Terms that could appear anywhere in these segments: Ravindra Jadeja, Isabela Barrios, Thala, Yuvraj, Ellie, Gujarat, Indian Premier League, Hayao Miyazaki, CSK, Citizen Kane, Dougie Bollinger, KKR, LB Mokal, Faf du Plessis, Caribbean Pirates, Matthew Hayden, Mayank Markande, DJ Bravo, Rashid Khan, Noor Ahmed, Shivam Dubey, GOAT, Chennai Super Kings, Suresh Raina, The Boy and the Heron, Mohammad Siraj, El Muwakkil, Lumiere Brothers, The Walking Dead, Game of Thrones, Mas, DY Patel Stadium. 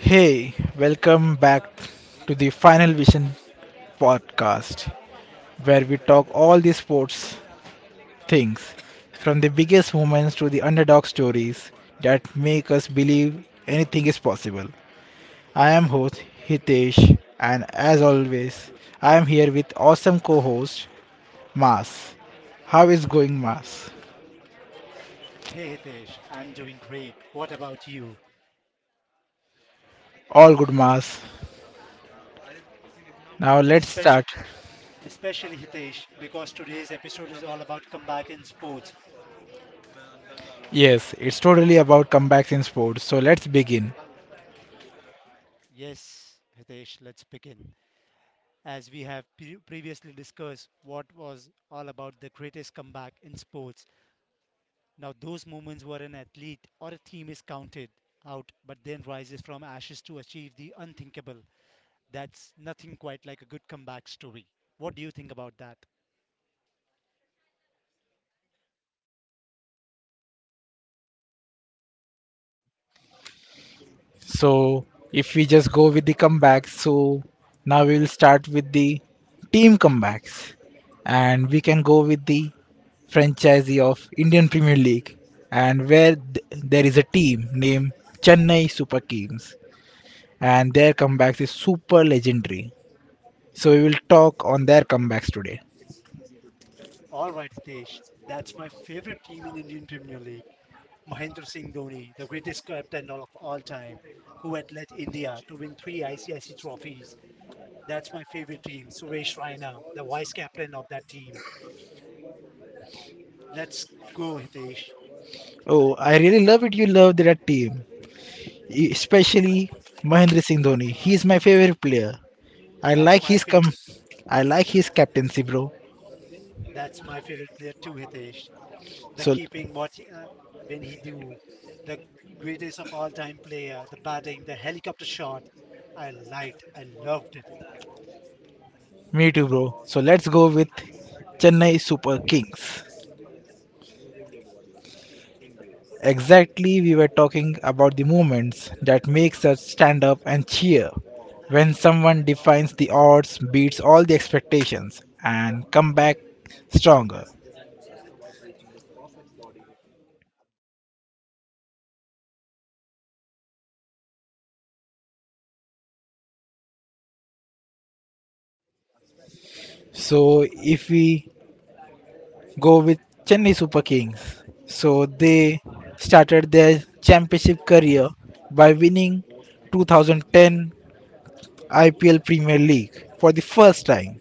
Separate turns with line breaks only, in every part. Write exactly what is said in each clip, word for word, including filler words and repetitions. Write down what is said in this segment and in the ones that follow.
Hey, welcome back to the Final Vision podcast, where we talk all the sports things, from the biggest moments to the underdog stories that make us believe anything is possible. I am host Hitesh, and as always, I am here with awesome co-host Mas. How is going, Mas?
Hey Hitesh, I'm doing great. What about you?
All good, Mas. Now let's
Especially,
start.
especially Hitesh, because today's episode is all about comeback in sports.
Yes, it's totally about comebacks in sports, so let's begin.
Yes, Hitesh, let's begin. As we have pre- previously discussed, what was all about the greatest comeback in sports. Now, those moments where an athlete or a team is counted out but then rises from ashes to achieve the unthinkable. That's nothing quite like a good comeback story. What do you think about that?
So if we just go with the comebacks, so now we will start with the team comebacks, and we can go with the franchisee of Indian Premier League, and where th- there is a team named Chennai Super Kings, and their comebacks is super legendary. So we will talk on their comebacks today.
All right, Hitesh. That's my favorite team in Indian Premier League, Mahendra Singh Dhoni, the greatest captain of all time, who had led India to win three I C I C trophies. That's my favorite team, Suresh Raina, the vice captain of that team. Let's go, Hitesh.
Oh, I really love it. You love that team, E- especially Mahendra Singh Dhoni. He is my favorite player. I
That's
like
my
his com.
fav-
I like his captaincy, bro.
That's my favorite player too, Hitesh. The
So
keeping what he, uh, when he do, the greatest of all time player, the batting, the helicopter shot. I liked, I loved it.
me too, bro. So let's go with Chennai Super Kings. Exactly, we were talking about the moments that makes us stand up and cheer when someone defines the odds, beats all the expectations, and come back stronger. So if we go with Chennai Super Kings. So they started their championship career by winning twenty ten I P L Premier League for the first time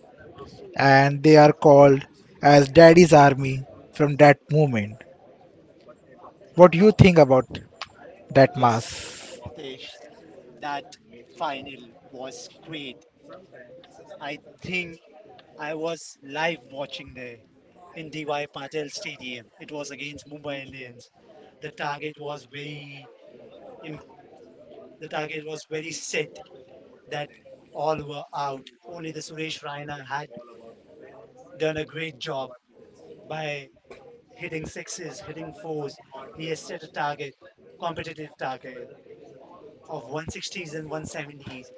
and they are called as Daddy's Army from that moment. What do you think about that
Yes,
mass?
Hitesh. That final was great. I think I was live watching there in D Y Patel Stadium. It was against Mumbai Indians. The target was very im- the target was very set that all were out. Only the Suresh Raina had done a great job by hitting sixes, hitting fours. He has set a target, competitive target of one sixties and one seventies,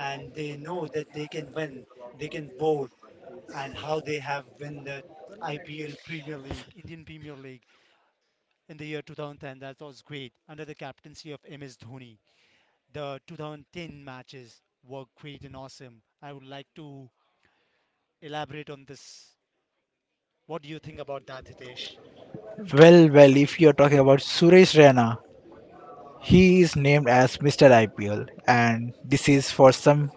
and they know that they can win, they can bowl, and how they have win the I P L Premier League, Indian Premier League in the year twenty ten. That was great under the captaincy of M S Dhoni. The two thousand ten matches were great and awesome. I would like to elaborate on this. What do you think about that, Hitesh?
Well, well, if you are talking about Suresh Raina, he is named as mister I P L and this is for some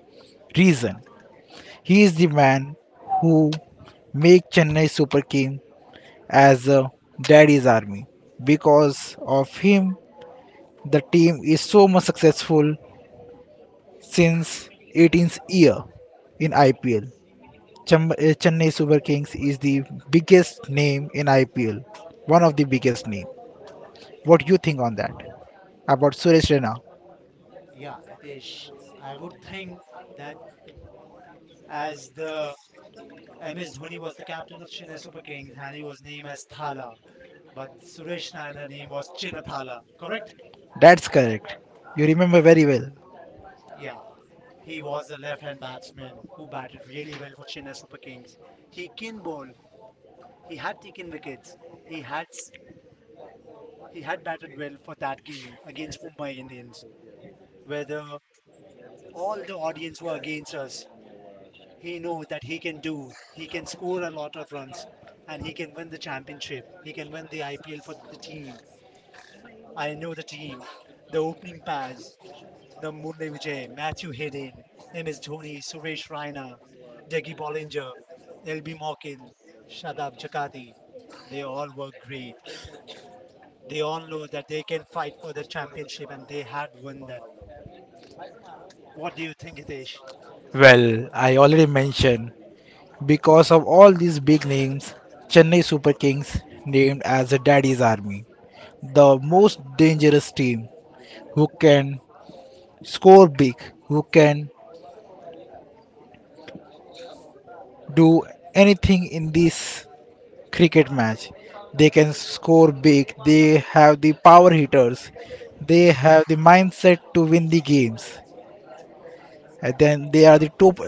reason. He is the man who make Chennai Super King as a daddy's army. Because of him, the team is so much successful since eighteenth year in I P L. Cham- uh, Chennai Super Kings is the biggest name in I P L, one of the biggest name. What you think on that about Suresh Raina?
Yeah, Hitesh, I would think that as the M S Dhoni was the captain of Chennai Super Kings and he was named as Thala, but Suresh Nair's name was Chinnathala, correct?
That's correct. You remember very well.
Yeah, he was a left-hand batsman who batted really well for Chennai Super Kings. He can bowl. He had taken wickets. He had s- he had batted well for that game against Mumbai Indians, where the, all the audience were against us. He know that he can do. He can score a lot of runs, and he can win the championship. He can win the I P L for the team. I know the team. The opening pass. The Murli Vijay, Matthew Hayden, M S Dhoni, Suresh Raina, Dougie Bollinger, L B Mokin, Shadab Jakati. They all were great. They all know that they can fight for the championship and they had won that. What do you think, Hitesh?
Well, I already mentioned. Because of all these big names, Chennai Super Kings named as the Daddy's Army, the most dangerous team who can score big, who can do anything in this cricket match. They can score big, they have the power hitters, they have the mindset to win the games. And then they are the top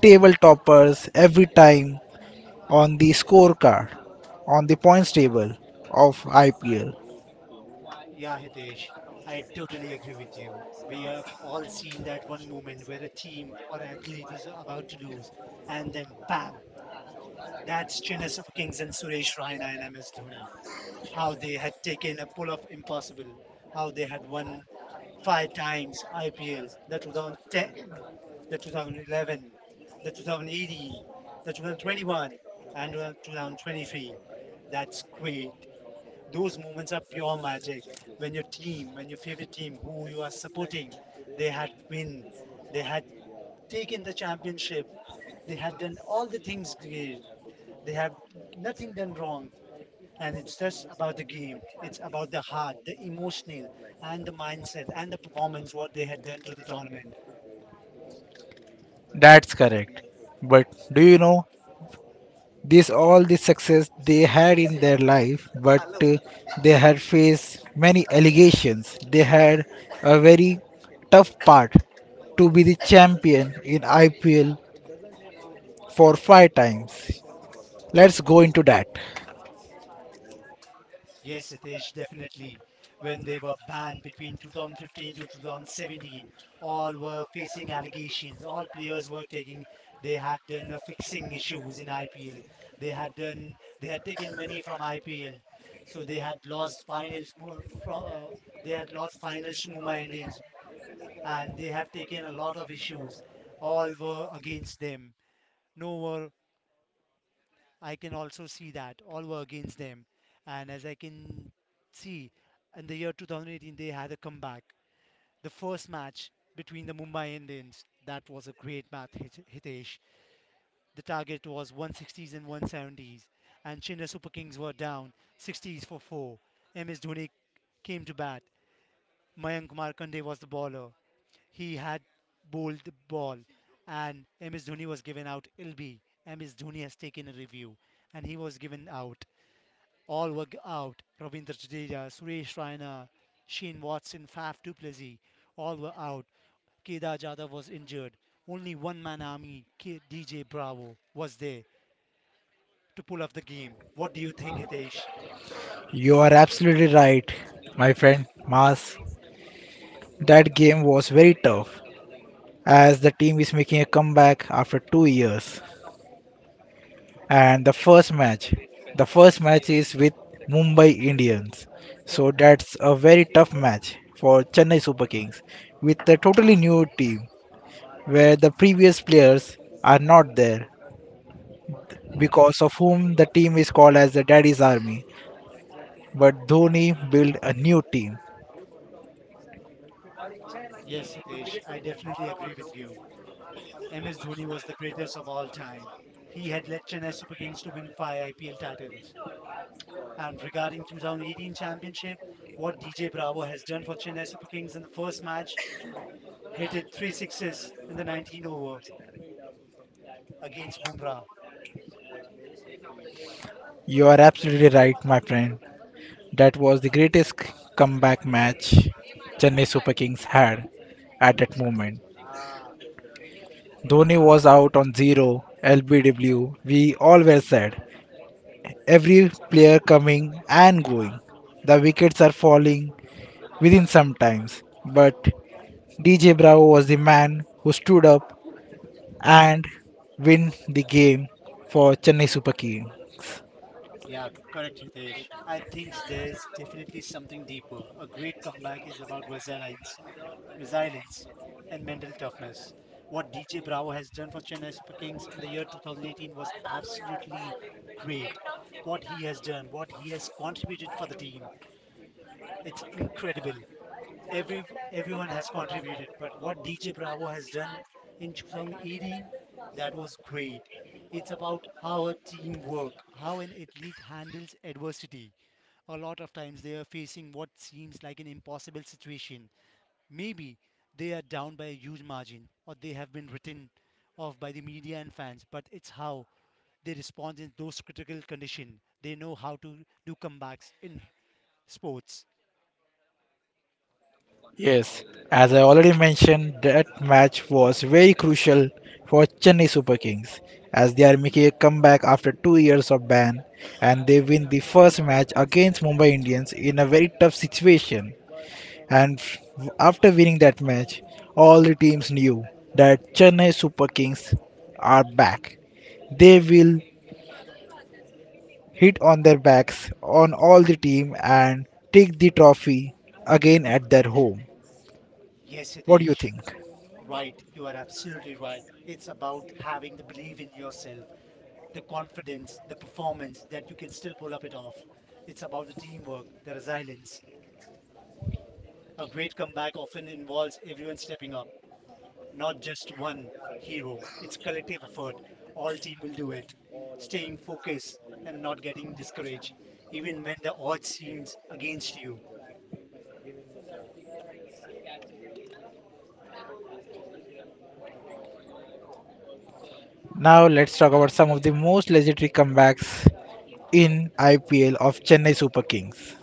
table toppers every time on the scorecard, on the points table of I P L.
Yeah, Hitesh, I totally agree with you. We have all seen that one moment where a team or athlete is about to lose, and then bam, that's Chennai Super Kings and Suresh Raina and M S Dhoni. How they had taken a pull off impossible, how they had won five times I P Ls, the two thousand ten, the two thousand eleven, the two thousand eighteen, the twenty twenty-one, and two thousand twenty-three. That's great. Those moments are pure magic. When your team, when your favorite team, who you are supporting, they had win, they had taken the championship, they had done all the things great, they have nothing done wrong, and it's just about the game. It's about the heart, the emotional, and the mindset and the performance what they had done to the tournament.
That's correct. But do you know this all the success they had in their life, but uh, they had faced many allegations. They had a very tough part to be the champion in I P L for five times. Let's go into that.
Yes, Satish, definitely. When they were banned between two thousand fifteen to two thousand seventeen, all were facing allegations. All players were taking, they had done uh, fixing issues in I P L. They had done, they had taken money from I P L. So they had lost finals more from, uh, they had lost finals to Mumbai Indians. And they have taken a lot of issues. All were against them. No were, I can also see that. All were against them. And as I can see, in the year twenty eighteen, they had a comeback. The first match between the Mumbai Indians, that was a great match, Hit- Hitesh. The target was one sixties and one seventies. And Chennai Super Kings were down sixties for four. M S Dhoni came to bat. Mayank Markande was the bowler. He had bowled the ball, and M S Dhoni was given out. L B M S Dhoni has taken a review, and he was given out. All were g- out. Ravindra Jadeja, Suresh Raina, Shane Watson, Faf du Plessis, all were out. Kedar Jadhav was injured. Only one man army, K. D. J. Bravo, was there to pull off the game. What do you think, Hitesh?
You are absolutely right, my friend Mas. That game was very tough as the team is making a comeback after two years. And the first match, the first match is with Mumbai Indians,
C-
so that's a very tough match for Chennai Super Kings with a totally new team where the previous players are not there because of whom the team is called as the Daddy's Army, but Dhoni built a new team.
Yes, Hitesh, I definitely agree with you. M S Dhoni was the greatest of all time. He had led Chennai Super Kings to win five I P L titles. And regarding twenty eighteen championship, what D J Bravo has done for Chennai Super Kings in the first match, hit it three sixes in the nineteen over against Bumrah.
You are absolutely right, my friend. That was the greatest comeback match Chennai Super Kings had. At that moment Dhoni was out on zero L B W. We all were sad. Every player coming and going. The wickets are falling within sometimes. But D J Bravo was the man who stood up and win the game for Chennai Super King.
Yeah, correct, Hitesh. I think there's definitely something deeper. A great comeback is about West Airlines resilience, and mental toughness. What D J Bravo has done for Chennai Super Kings in the year twenty eighteen was absolutely great. What he has done, what he has contributed for the team, it's incredible. Every Everyone has contributed, but what D J Bravo has done in twenty eighteen, that was great. It's about how a team work, how an athlete handles adversity. A lot of times they are facing what seems like an impossible situation. Maybe they are down by a huge margin or they have been written off by the media and fans, but it's how they respond in those critical conditions. They know how to do comebacks in sports.
Yes, as I already mentioned, that match was very crucial for Chennai Super Kings as they are making a comeback after two years of ban and they win the first match against Mumbai Indians in a very tough situation. And f- After winning that match, all the teams knew that Chennai Super Kings are back. They will hit on their backs on all the team and take the trophy again at their home.
Yes,
What do you
Hitesh,
think?
right. You are absolutely right. It's about having the belief in yourself, the confidence, the performance that you can still pull up it off. It's about the teamwork, the resilience. A great comeback often involves everyone stepping up. Not just one hero. It's collective effort. All team will do it. Staying focused and not getting discouraged, even when the odds seems against you.
Now let's talk about some of the most legendary comebacks in I P L of Chennai Super Kings.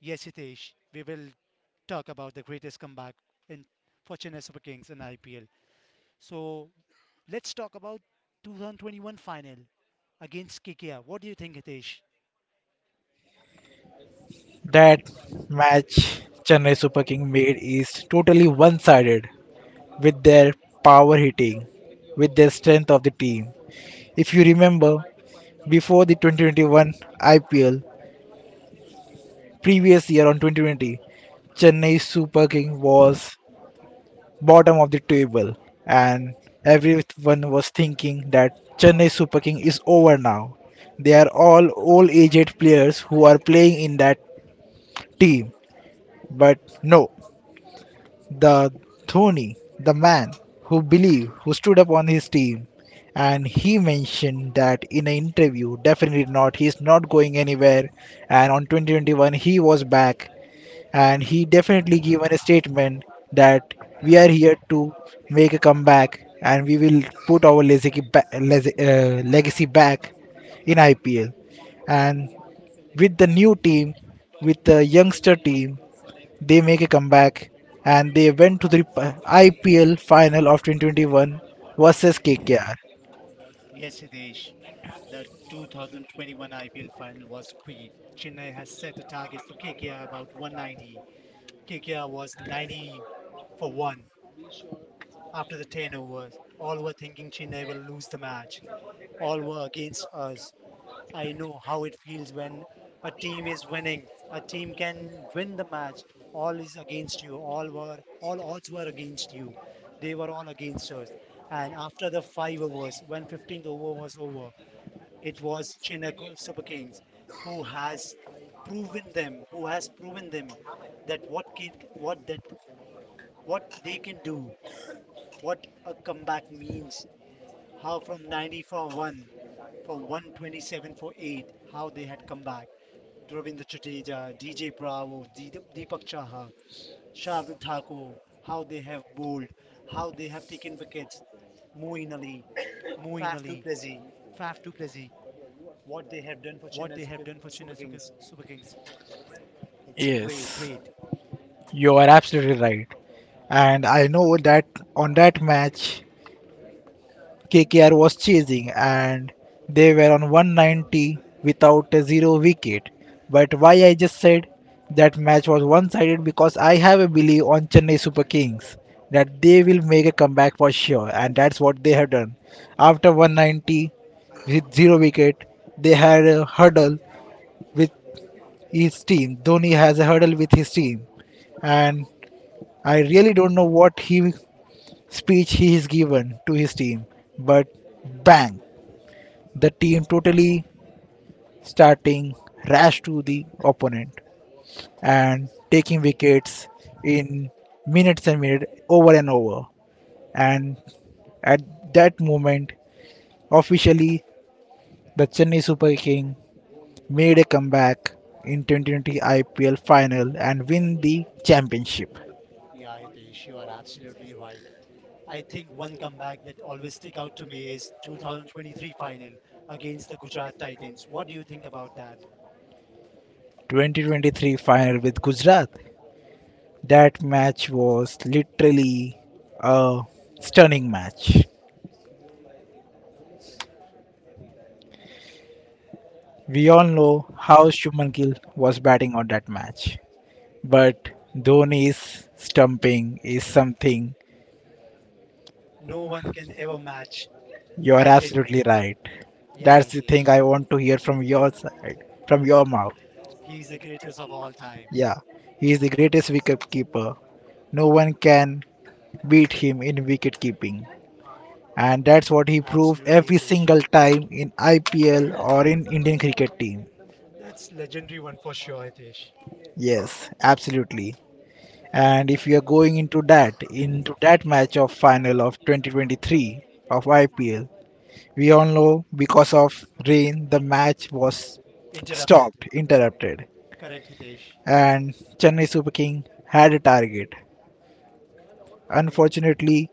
Yes, Hitesh, we will talk about the greatest comeback in for Chennai Super Kings in I P L. So let's talk about two thousand twenty-one final against K K R. What do you think, Hitesh?
That match Chennai Super King made is totally one-sided with their power hitting, with their strength of the team. If you remember, before the twenty twenty-one I P L, previous year on twenty twenty, Chennai Super King was bottom of the table, and everyone was thinking that Chennai Super King is over now. They are all old aged players who are playing in that team. But no, the Dhoni, the man who believed, who stood up on his team, and he mentioned that in an interview, definitely not, he is not going anywhere. And on twenty twenty-one, he was back and he definitely given a statement that we are here to make a comeback and we will put our legacy back, uh, legacy back in I P L. And with the new team, with the youngster team, they make a comeback and they went to the I P L final of twenty twenty-one versus K K R.
Yes, Hitesh. The two thousand twenty-one I P L final was great. Chennai has set a target for K K R about one ninety. Kikya was ninety for one after the ten overs. All were thinking she never lose the match. All were against us. I know how it feels when a team is winning. A team can win the match. All is against you. All were all odds were against you. They were all against us. And after the five overs, when fifteenth over was over, it was Chennai Co- Super Kings who has proven them, who has proven them that what can, what that what they can do, what a comeback means, how from ninety for one, from one twenty-seven for eight, how they had come back. Ravindra Jadeja, D J Bravo, Dee- Deepak Chahar, Shardul Thakur, how they have bowled, how they have taken wickets, Moeen Ali, Faf du Plessis, what they have done for Chennai Super Super Kings. It's great.
Yes, you are absolutely right. And I know that on that match, K K R was chasing and they were on one ninety without a zero wicket. But why I just said that match was one sided because I have a belief on Chennai Super Kings that they will make a comeback for sure, and that's what they have done. After one ninety with zero wicket, they had a hurdle with his team. Dhoni has a hurdle with his team, and I really don't know what he speech he has given to his team, but bang, the team totally starting rash to the opponent and taking wickets in minutes and minutes over and over. And at that moment, officially the Chennai Super King made a comeback in twenty twenty I P L final and win the championship.
Yeah, Hitesh, you are absolutely right. I think one comeback that always stick out to me is two thousand twenty-three final against the Gujarat Titans. What do you think about that?
twenty twenty-three final with Gujarat. That match was literally a stunning match. We all know how Shubman Gill was batting on that match. But Dhoni's stumping is something.
No one can ever match.
You're
I think,
absolutely right.
yeah,
That's the thing
Hitesh.
I want to hear from your side, from your mouth.
He's the greatest of all time.
Yeah, he is the greatest wicket keeper. No one can beat him in wicket keeping. And that's what he proved
Absolutely,
every
Hitesh.
single time in I P L or in Indian cricket team.
That's legendary one for sure, Hitesh.
Yes, absolutely. And if we are going into that into that match of final of twenty twenty-three of I P L, we all know because of rain the match was
Interrupted.
stopped, interrupted,
Correct, Hitesh.
and Chennai Super King had a target. Unfortunately,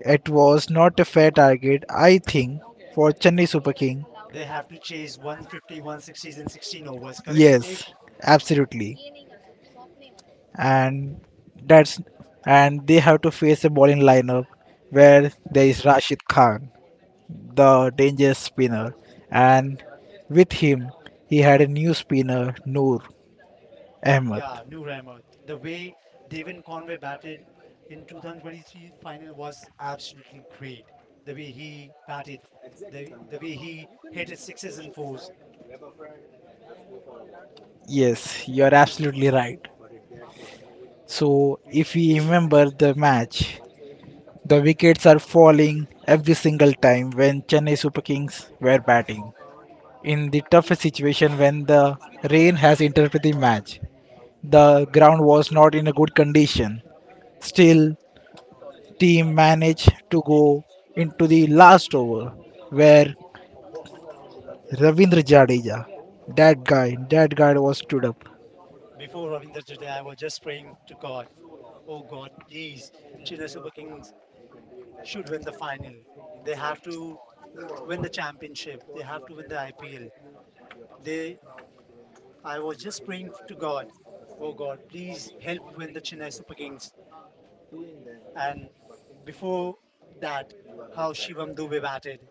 it was not a fair target, I think, for Chennai Super King.
They have to chase one fifty, one sixties in sixteen overs. Correct,
Yes,
Hitesh?
absolutely, and that's and they have to face a bowling lineup where there is Rashid Khan the dangerous spinner, and with him he had a new spinner, Noor Ahmed.
Yeah, New Ahmed. The way Devin Conway batted in twenty twenty-three final was absolutely great. The way he batted, the the way he hit his sixes and fours.
Yes, you are absolutely right. So, if we remember the match, the wickets are falling every single time when Chennai Super Kings were batting. In the toughest situation when the rain has interrupted the match, the ground was not in a good condition. Still, team managed to go into the last over where Ravindra Jadeja, that guy, that guy was stood up.
Before Ravindra Jadeja, I was just praying to God, oh God, please, Chennai Super Kings should win the final. They have to win the championship. They have to win the I P L. They, I was just praying to God, oh God, please help win the Chennai Super Kings. And before that, how Shivam Dubey batted,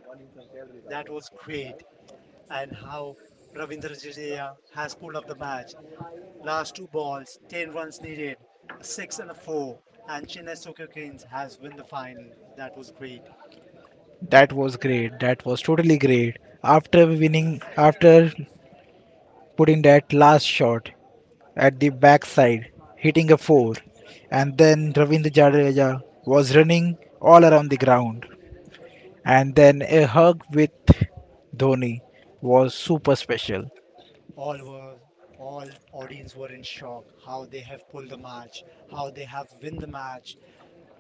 that was great. And how Ravindra Jadeja has pulled off the match. Last two balls, ten runs needed, a six and a four. And Chennai Super Kings has won the final. That was great.
That was great. That was totally great. After winning, after putting that last shot at the backside, hitting a four, and then Ravindra Jadeja was running all around the ground, and then a hug with Dhoni was super special.
All were, all audience were in shock how they have pulled the match, how they have win the match.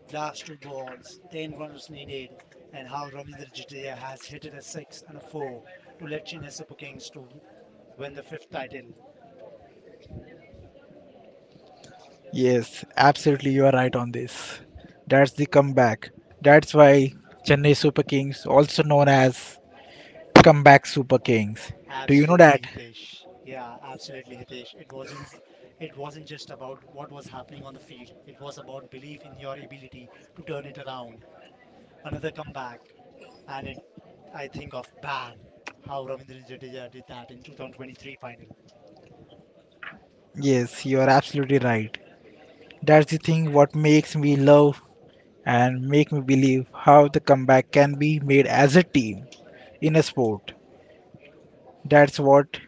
Last two balls, ten runs needed, and how Ravindra Jadeja has hit it a six and a four to let Chennai Super Kings to win the fifth title.
Yes, absolutely, you are right on this. That's the comeback. That's why Chennai Super Kings, also known as Comeback Super Kings. Do you know that?
Absolutely, Hitesh. Yeah, absolutely, Hitesh. It wasn't it wasn't just about what was happening on the field. It was about belief in your ability to turn it around. Another comeback, and it I think of Bam, how Ravindra Jadeja did that in twenty twenty-three final.
Yes, you are absolutely right. That's the thing what makes me love and make me believe how the comeback can be made as a team in a sport. That's what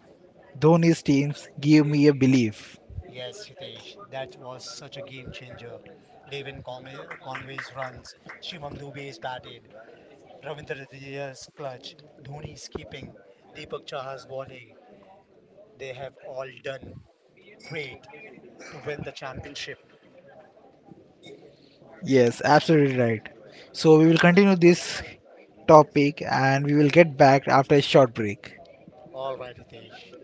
Dhoni's teams give me a belief.
Yes, Hitesh, that was such a game changer. Devin Conway- Conway's runs, Shimam Dubey's batted, Ravindra Jadeja's clutch, Dhoni's keeping, Deepak Chahar's bowling. They have all done great to win the championship.
Yes, absolutely right. So we will continue this topic and we will get back after a short break.
All right, Hitesh.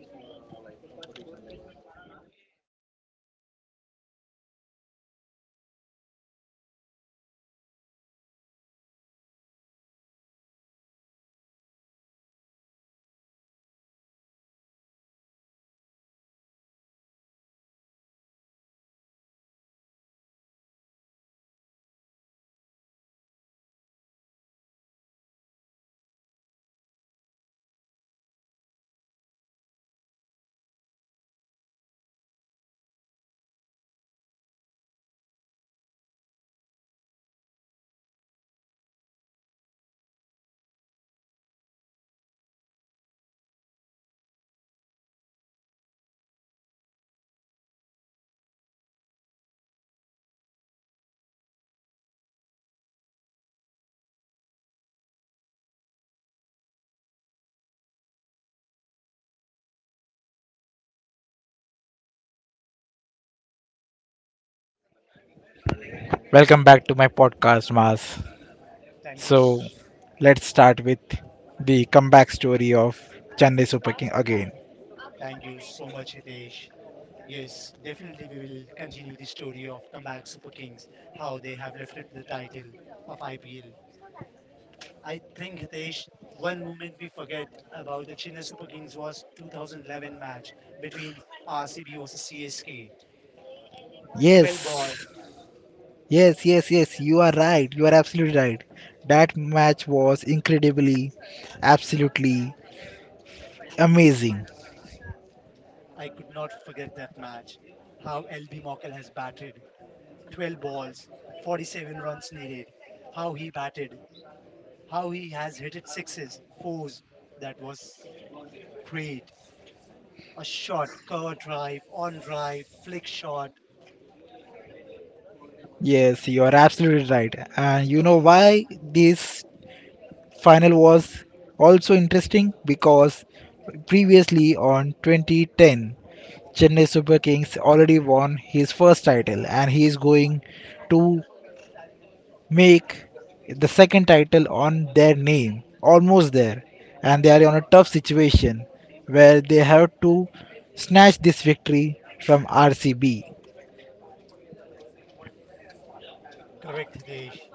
Welcome back to my podcast, Mas. So let's start with the comeback story of Chennai Super King again.
Thank you so much, Hitesh. Yes, definitely we will continue the story of comeback Super Kings, how they have lifted the title of I P L. I think, Hitesh, one moment we forget about the Chennai Super Kings was two thousand eleven match between R C B versus C S K. twelve ball.
Yes, yes, yes, yes. You are right. You are absolutely right. That match was incredibly, absolutely amazing.
I could not forget that match. How L B Mokal has batted twelve balls, forty-seven runs needed, how he batted, how he has hit it sixes, fours. That was great. A shot, cover drive, on drive, flick shot.
Yes, you are absolutely right. And you know why this final was also interesting because previously on twenty ten Chennai Super Kings already won his first title and he is going to make the second title on their name almost there and they are on a tough situation where they have to snatch this victory from R C B.
Correct, Hitesh.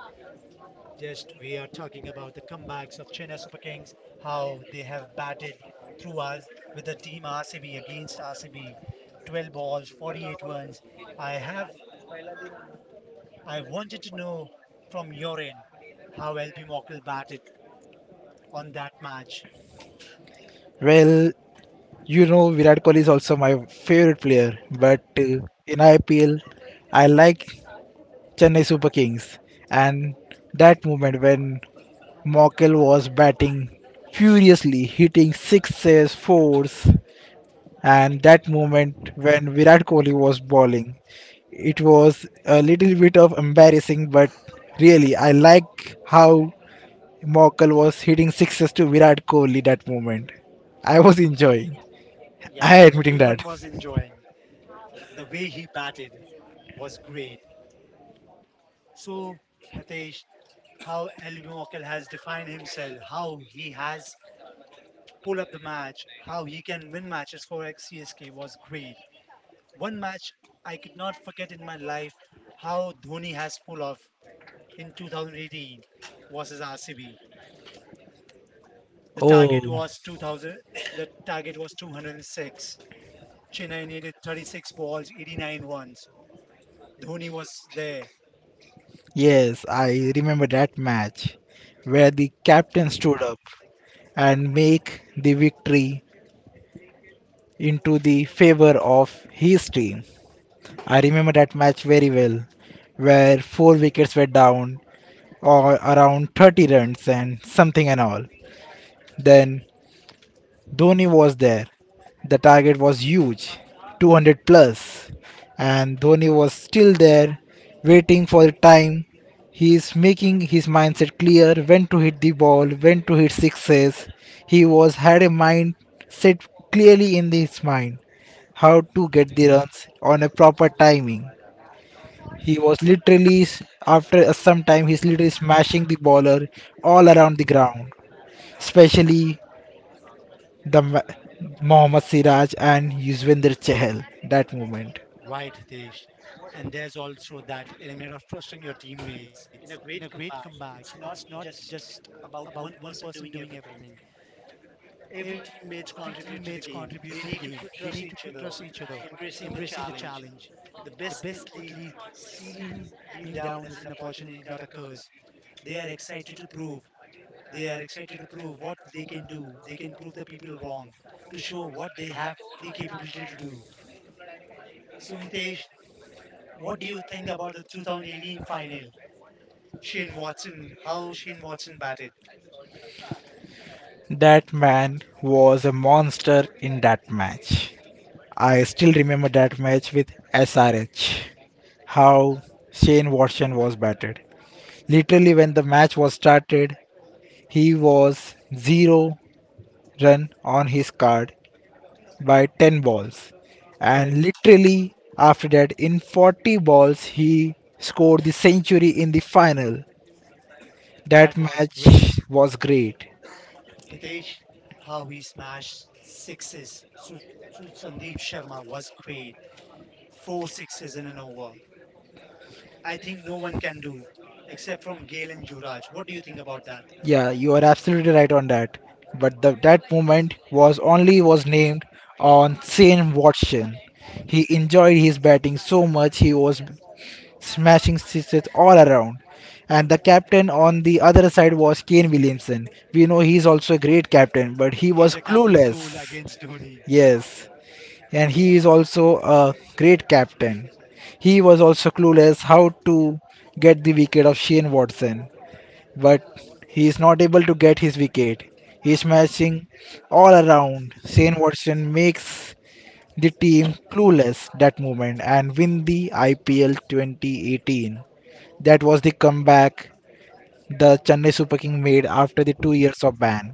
Just we are talking about the comebacks of Chennai Super Kings, how they have batted through us with the team R C B against R C B. twelve balls, forty-eight runs. I have, I wanted to know from your end how L B Mockel batted on that match.
Well, you know Virat Kohli is also my favorite player but uh, in I P L I like Chennai Super Kings, and that moment when Mokel was batting furiously, hitting sixes, fours, and that moment when Virat Kohli was bowling. It was a little bit of embarrassing, but really, I like how Mokel was hitting sixes to Virat Kohli that moment. I was enjoying. I
Yeah,
admitting that.
everyone was enjoying. The way he batted was great. So, Hitesh, how El Muwakkil has defined himself, how he has pulled up the match, how he can win matches for C S K was great. One match I could not forget in my life how Dhoni has pulled off in twenty eighteen versus R C B.
Oh,
The target was two thousand, the target was two oh six. Chennai needed thirty-six balls, eighty-nine runs. Dhoni was there.
yes, I remember that match where the captain stood up and make the victory into the favor of his team. I remember that match very well where four wickets were down or around thirty runs and something and all. Then Dhoni was there, the target was huge, two hundred plus, and Dhoni was still there waiting for the time, he is making his mindset clear when to hit the ball, when to hit sixes. He was had a mind set clearly in his mind how to get the runs on a proper timing. He was literally s- After some time he's literally smashing the bowler all around the ground, especially the ma- Mohammad Siraj and Yuzvendra Chahal that moment.
Right, Hitesh. And there's also that element of trusting your teammates. In a great comeback, it's not just about one person doing everything. Every teammate contribute to the game. They need to tr- trust each other, embracing the challenge. The best athlete see being down as an opportunity, not a curse. They are excited to prove. They are excited to prove what they can do. They can prove the people wrong, to show what they have the capability to do. So Hitesh, what do you think about the twenty eighteen final? Shane Watson, how Shane Watson batted.
That man was a monster in that match. I still remember that match with S R H. How Shane Watson was battered. Literally, when the match was started, he was zero run on his card by ten balls. And
Correct.
literally, after that, in forty balls, he scored the century in the final.
That
That
was
match
great.
was great.
Hitesh, how he smashed sixes. Su Su- Sandeep Sharma was great. Four sixes in an over. I think no one can do except from Gail and Yuvraj. What do you think about that?
Yeah, you are absolutely right on that. But the, that moment was only was named on Shane Watson. He enjoyed his batting so much he was smashing sixes all around. And the captain on the other side was Kane Williamson. We know he's also a great captain, but he was
He's a captain
clueless.
cool against Dhoni.
Yes, and he is also a great captain. He was also clueless how to get the wicket of Shane Watson. But he is not able to get his wicket. He is smashing all around. Shane Watson makes the team clueless that moment and win the I P L twenty eighteen. That was the comeback the Chennai Super King made after the two years of ban.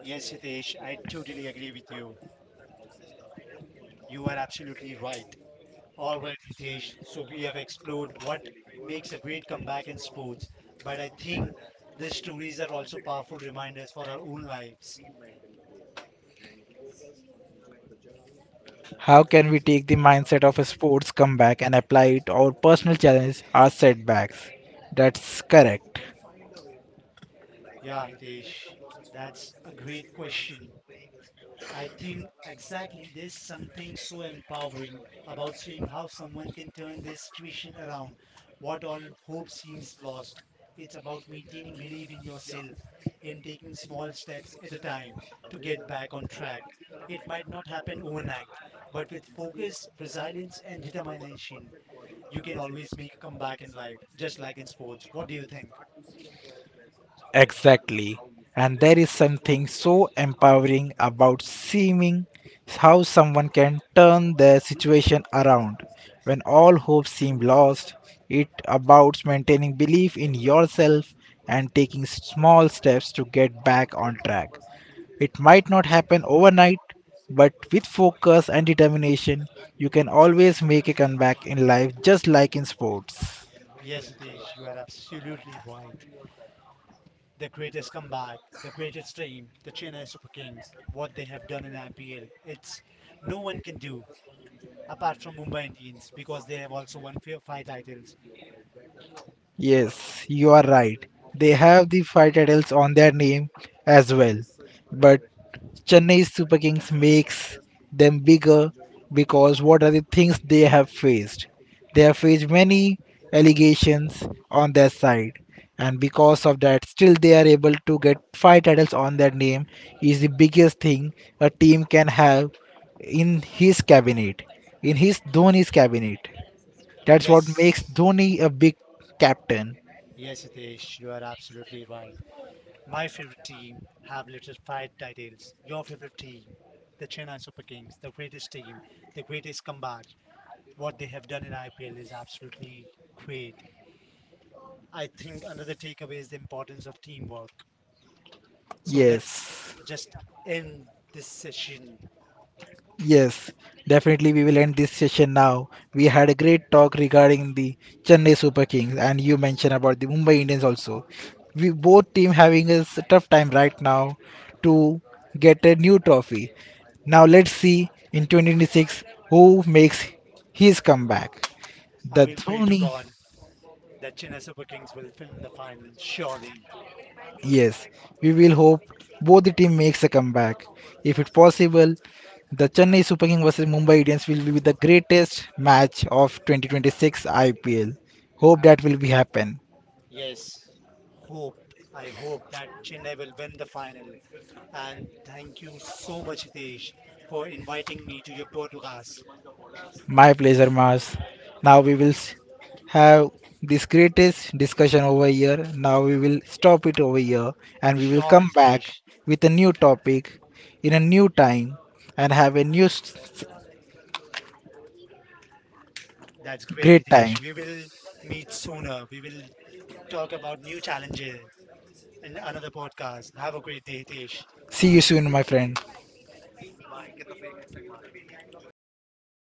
Yes, Hitesh, I totally agree with you. You are absolutely right. All right, Hitesh. So we have explored what makes a great comeback in sports, but I think these stories are also powerful reminders for our own lives.
How can we take the mindset of a sports comeback and apply it to our personal challenges, our setbacks? That's correct.
Yeah, Hitesh, that's a great question. I think exactly there's something so empowering about seeing how someone can turn their situation around. What all hope seems lost. It's about maintaining belief in yourself in taking small steps at a time to get back on track. It might not happen overnight, but with focus, resilience, and determination, you can always make a comeback in life, just like in sports. What do you think?
Exactly. And there is something so empowering about seeing how someone can turn their situation around. When all hope seems lost, it about maintaining belief in yourself and taking small steps to get back on track. It might not happen overnight, but with focus and determination, you can always make a comeback in life just like in sports.
Yes, Hitesh, you are absolutely right. The greatest comeback, the greatest team, the Chennai Super Kings, what they have done in I P L, it's no one can do apart from Mumbai Indians because they have also won fi- five titles.
Yes, you are right. They have the five titles on their name as well. But Chennai Super Kings makes them bigger because what are the things they have faced? They have faced many allegations on their side. And because of that, still they are able to get five titles on their name is the biggest thing a team can have in his cabinet, in his Dhoni's cabinet. That's what makes
Yes,
Dhoni a big captain.
yes, Hitesh, you are absolutely right. My favorite team have lifted five titles. Your favorite team, the Chennai Super Kings, the greatest team, the greatest comeback. What they have done in I P L is absolutely great. I think another takeaway is the importance of teamwork. So let's
Yes,
just end this session.
yes, definitely. We will end this session now. We had a great talk regarding the Chennai Super Kings, and you mentioned about the Mumbai Indians also. We both team having a s- tough time right now to get a new trophy. Now let's see in two thousand twenty-six who makes his comeback.
I
The
will pray to
Dhoni.
God that Chennai Super Kings will win the final. Surely,
Yes, we will hope both the team makes a comeback. If it's possible, the Chennai Super King versus Mumbai Indians will be the greatest match of twenty twenty-six I P L. Hope that will be happen.
yes. Hope I hope that Chennai will win the final. And thank you so much, Hitesh, for inviting me to your podcast.
My pleasure, Mars. Now we will s- Have this greatest discussion over here. Now we will stop it over here and we will, sure,
Sure,
come back
Hitesh.
with a new topic in a new time and have a new s-
That's great,
Great, time.
Hitesh. We will meet sooner. We will talk about new challenges in another podcast. Have a great day, Hitesh.
See you soon, my friend.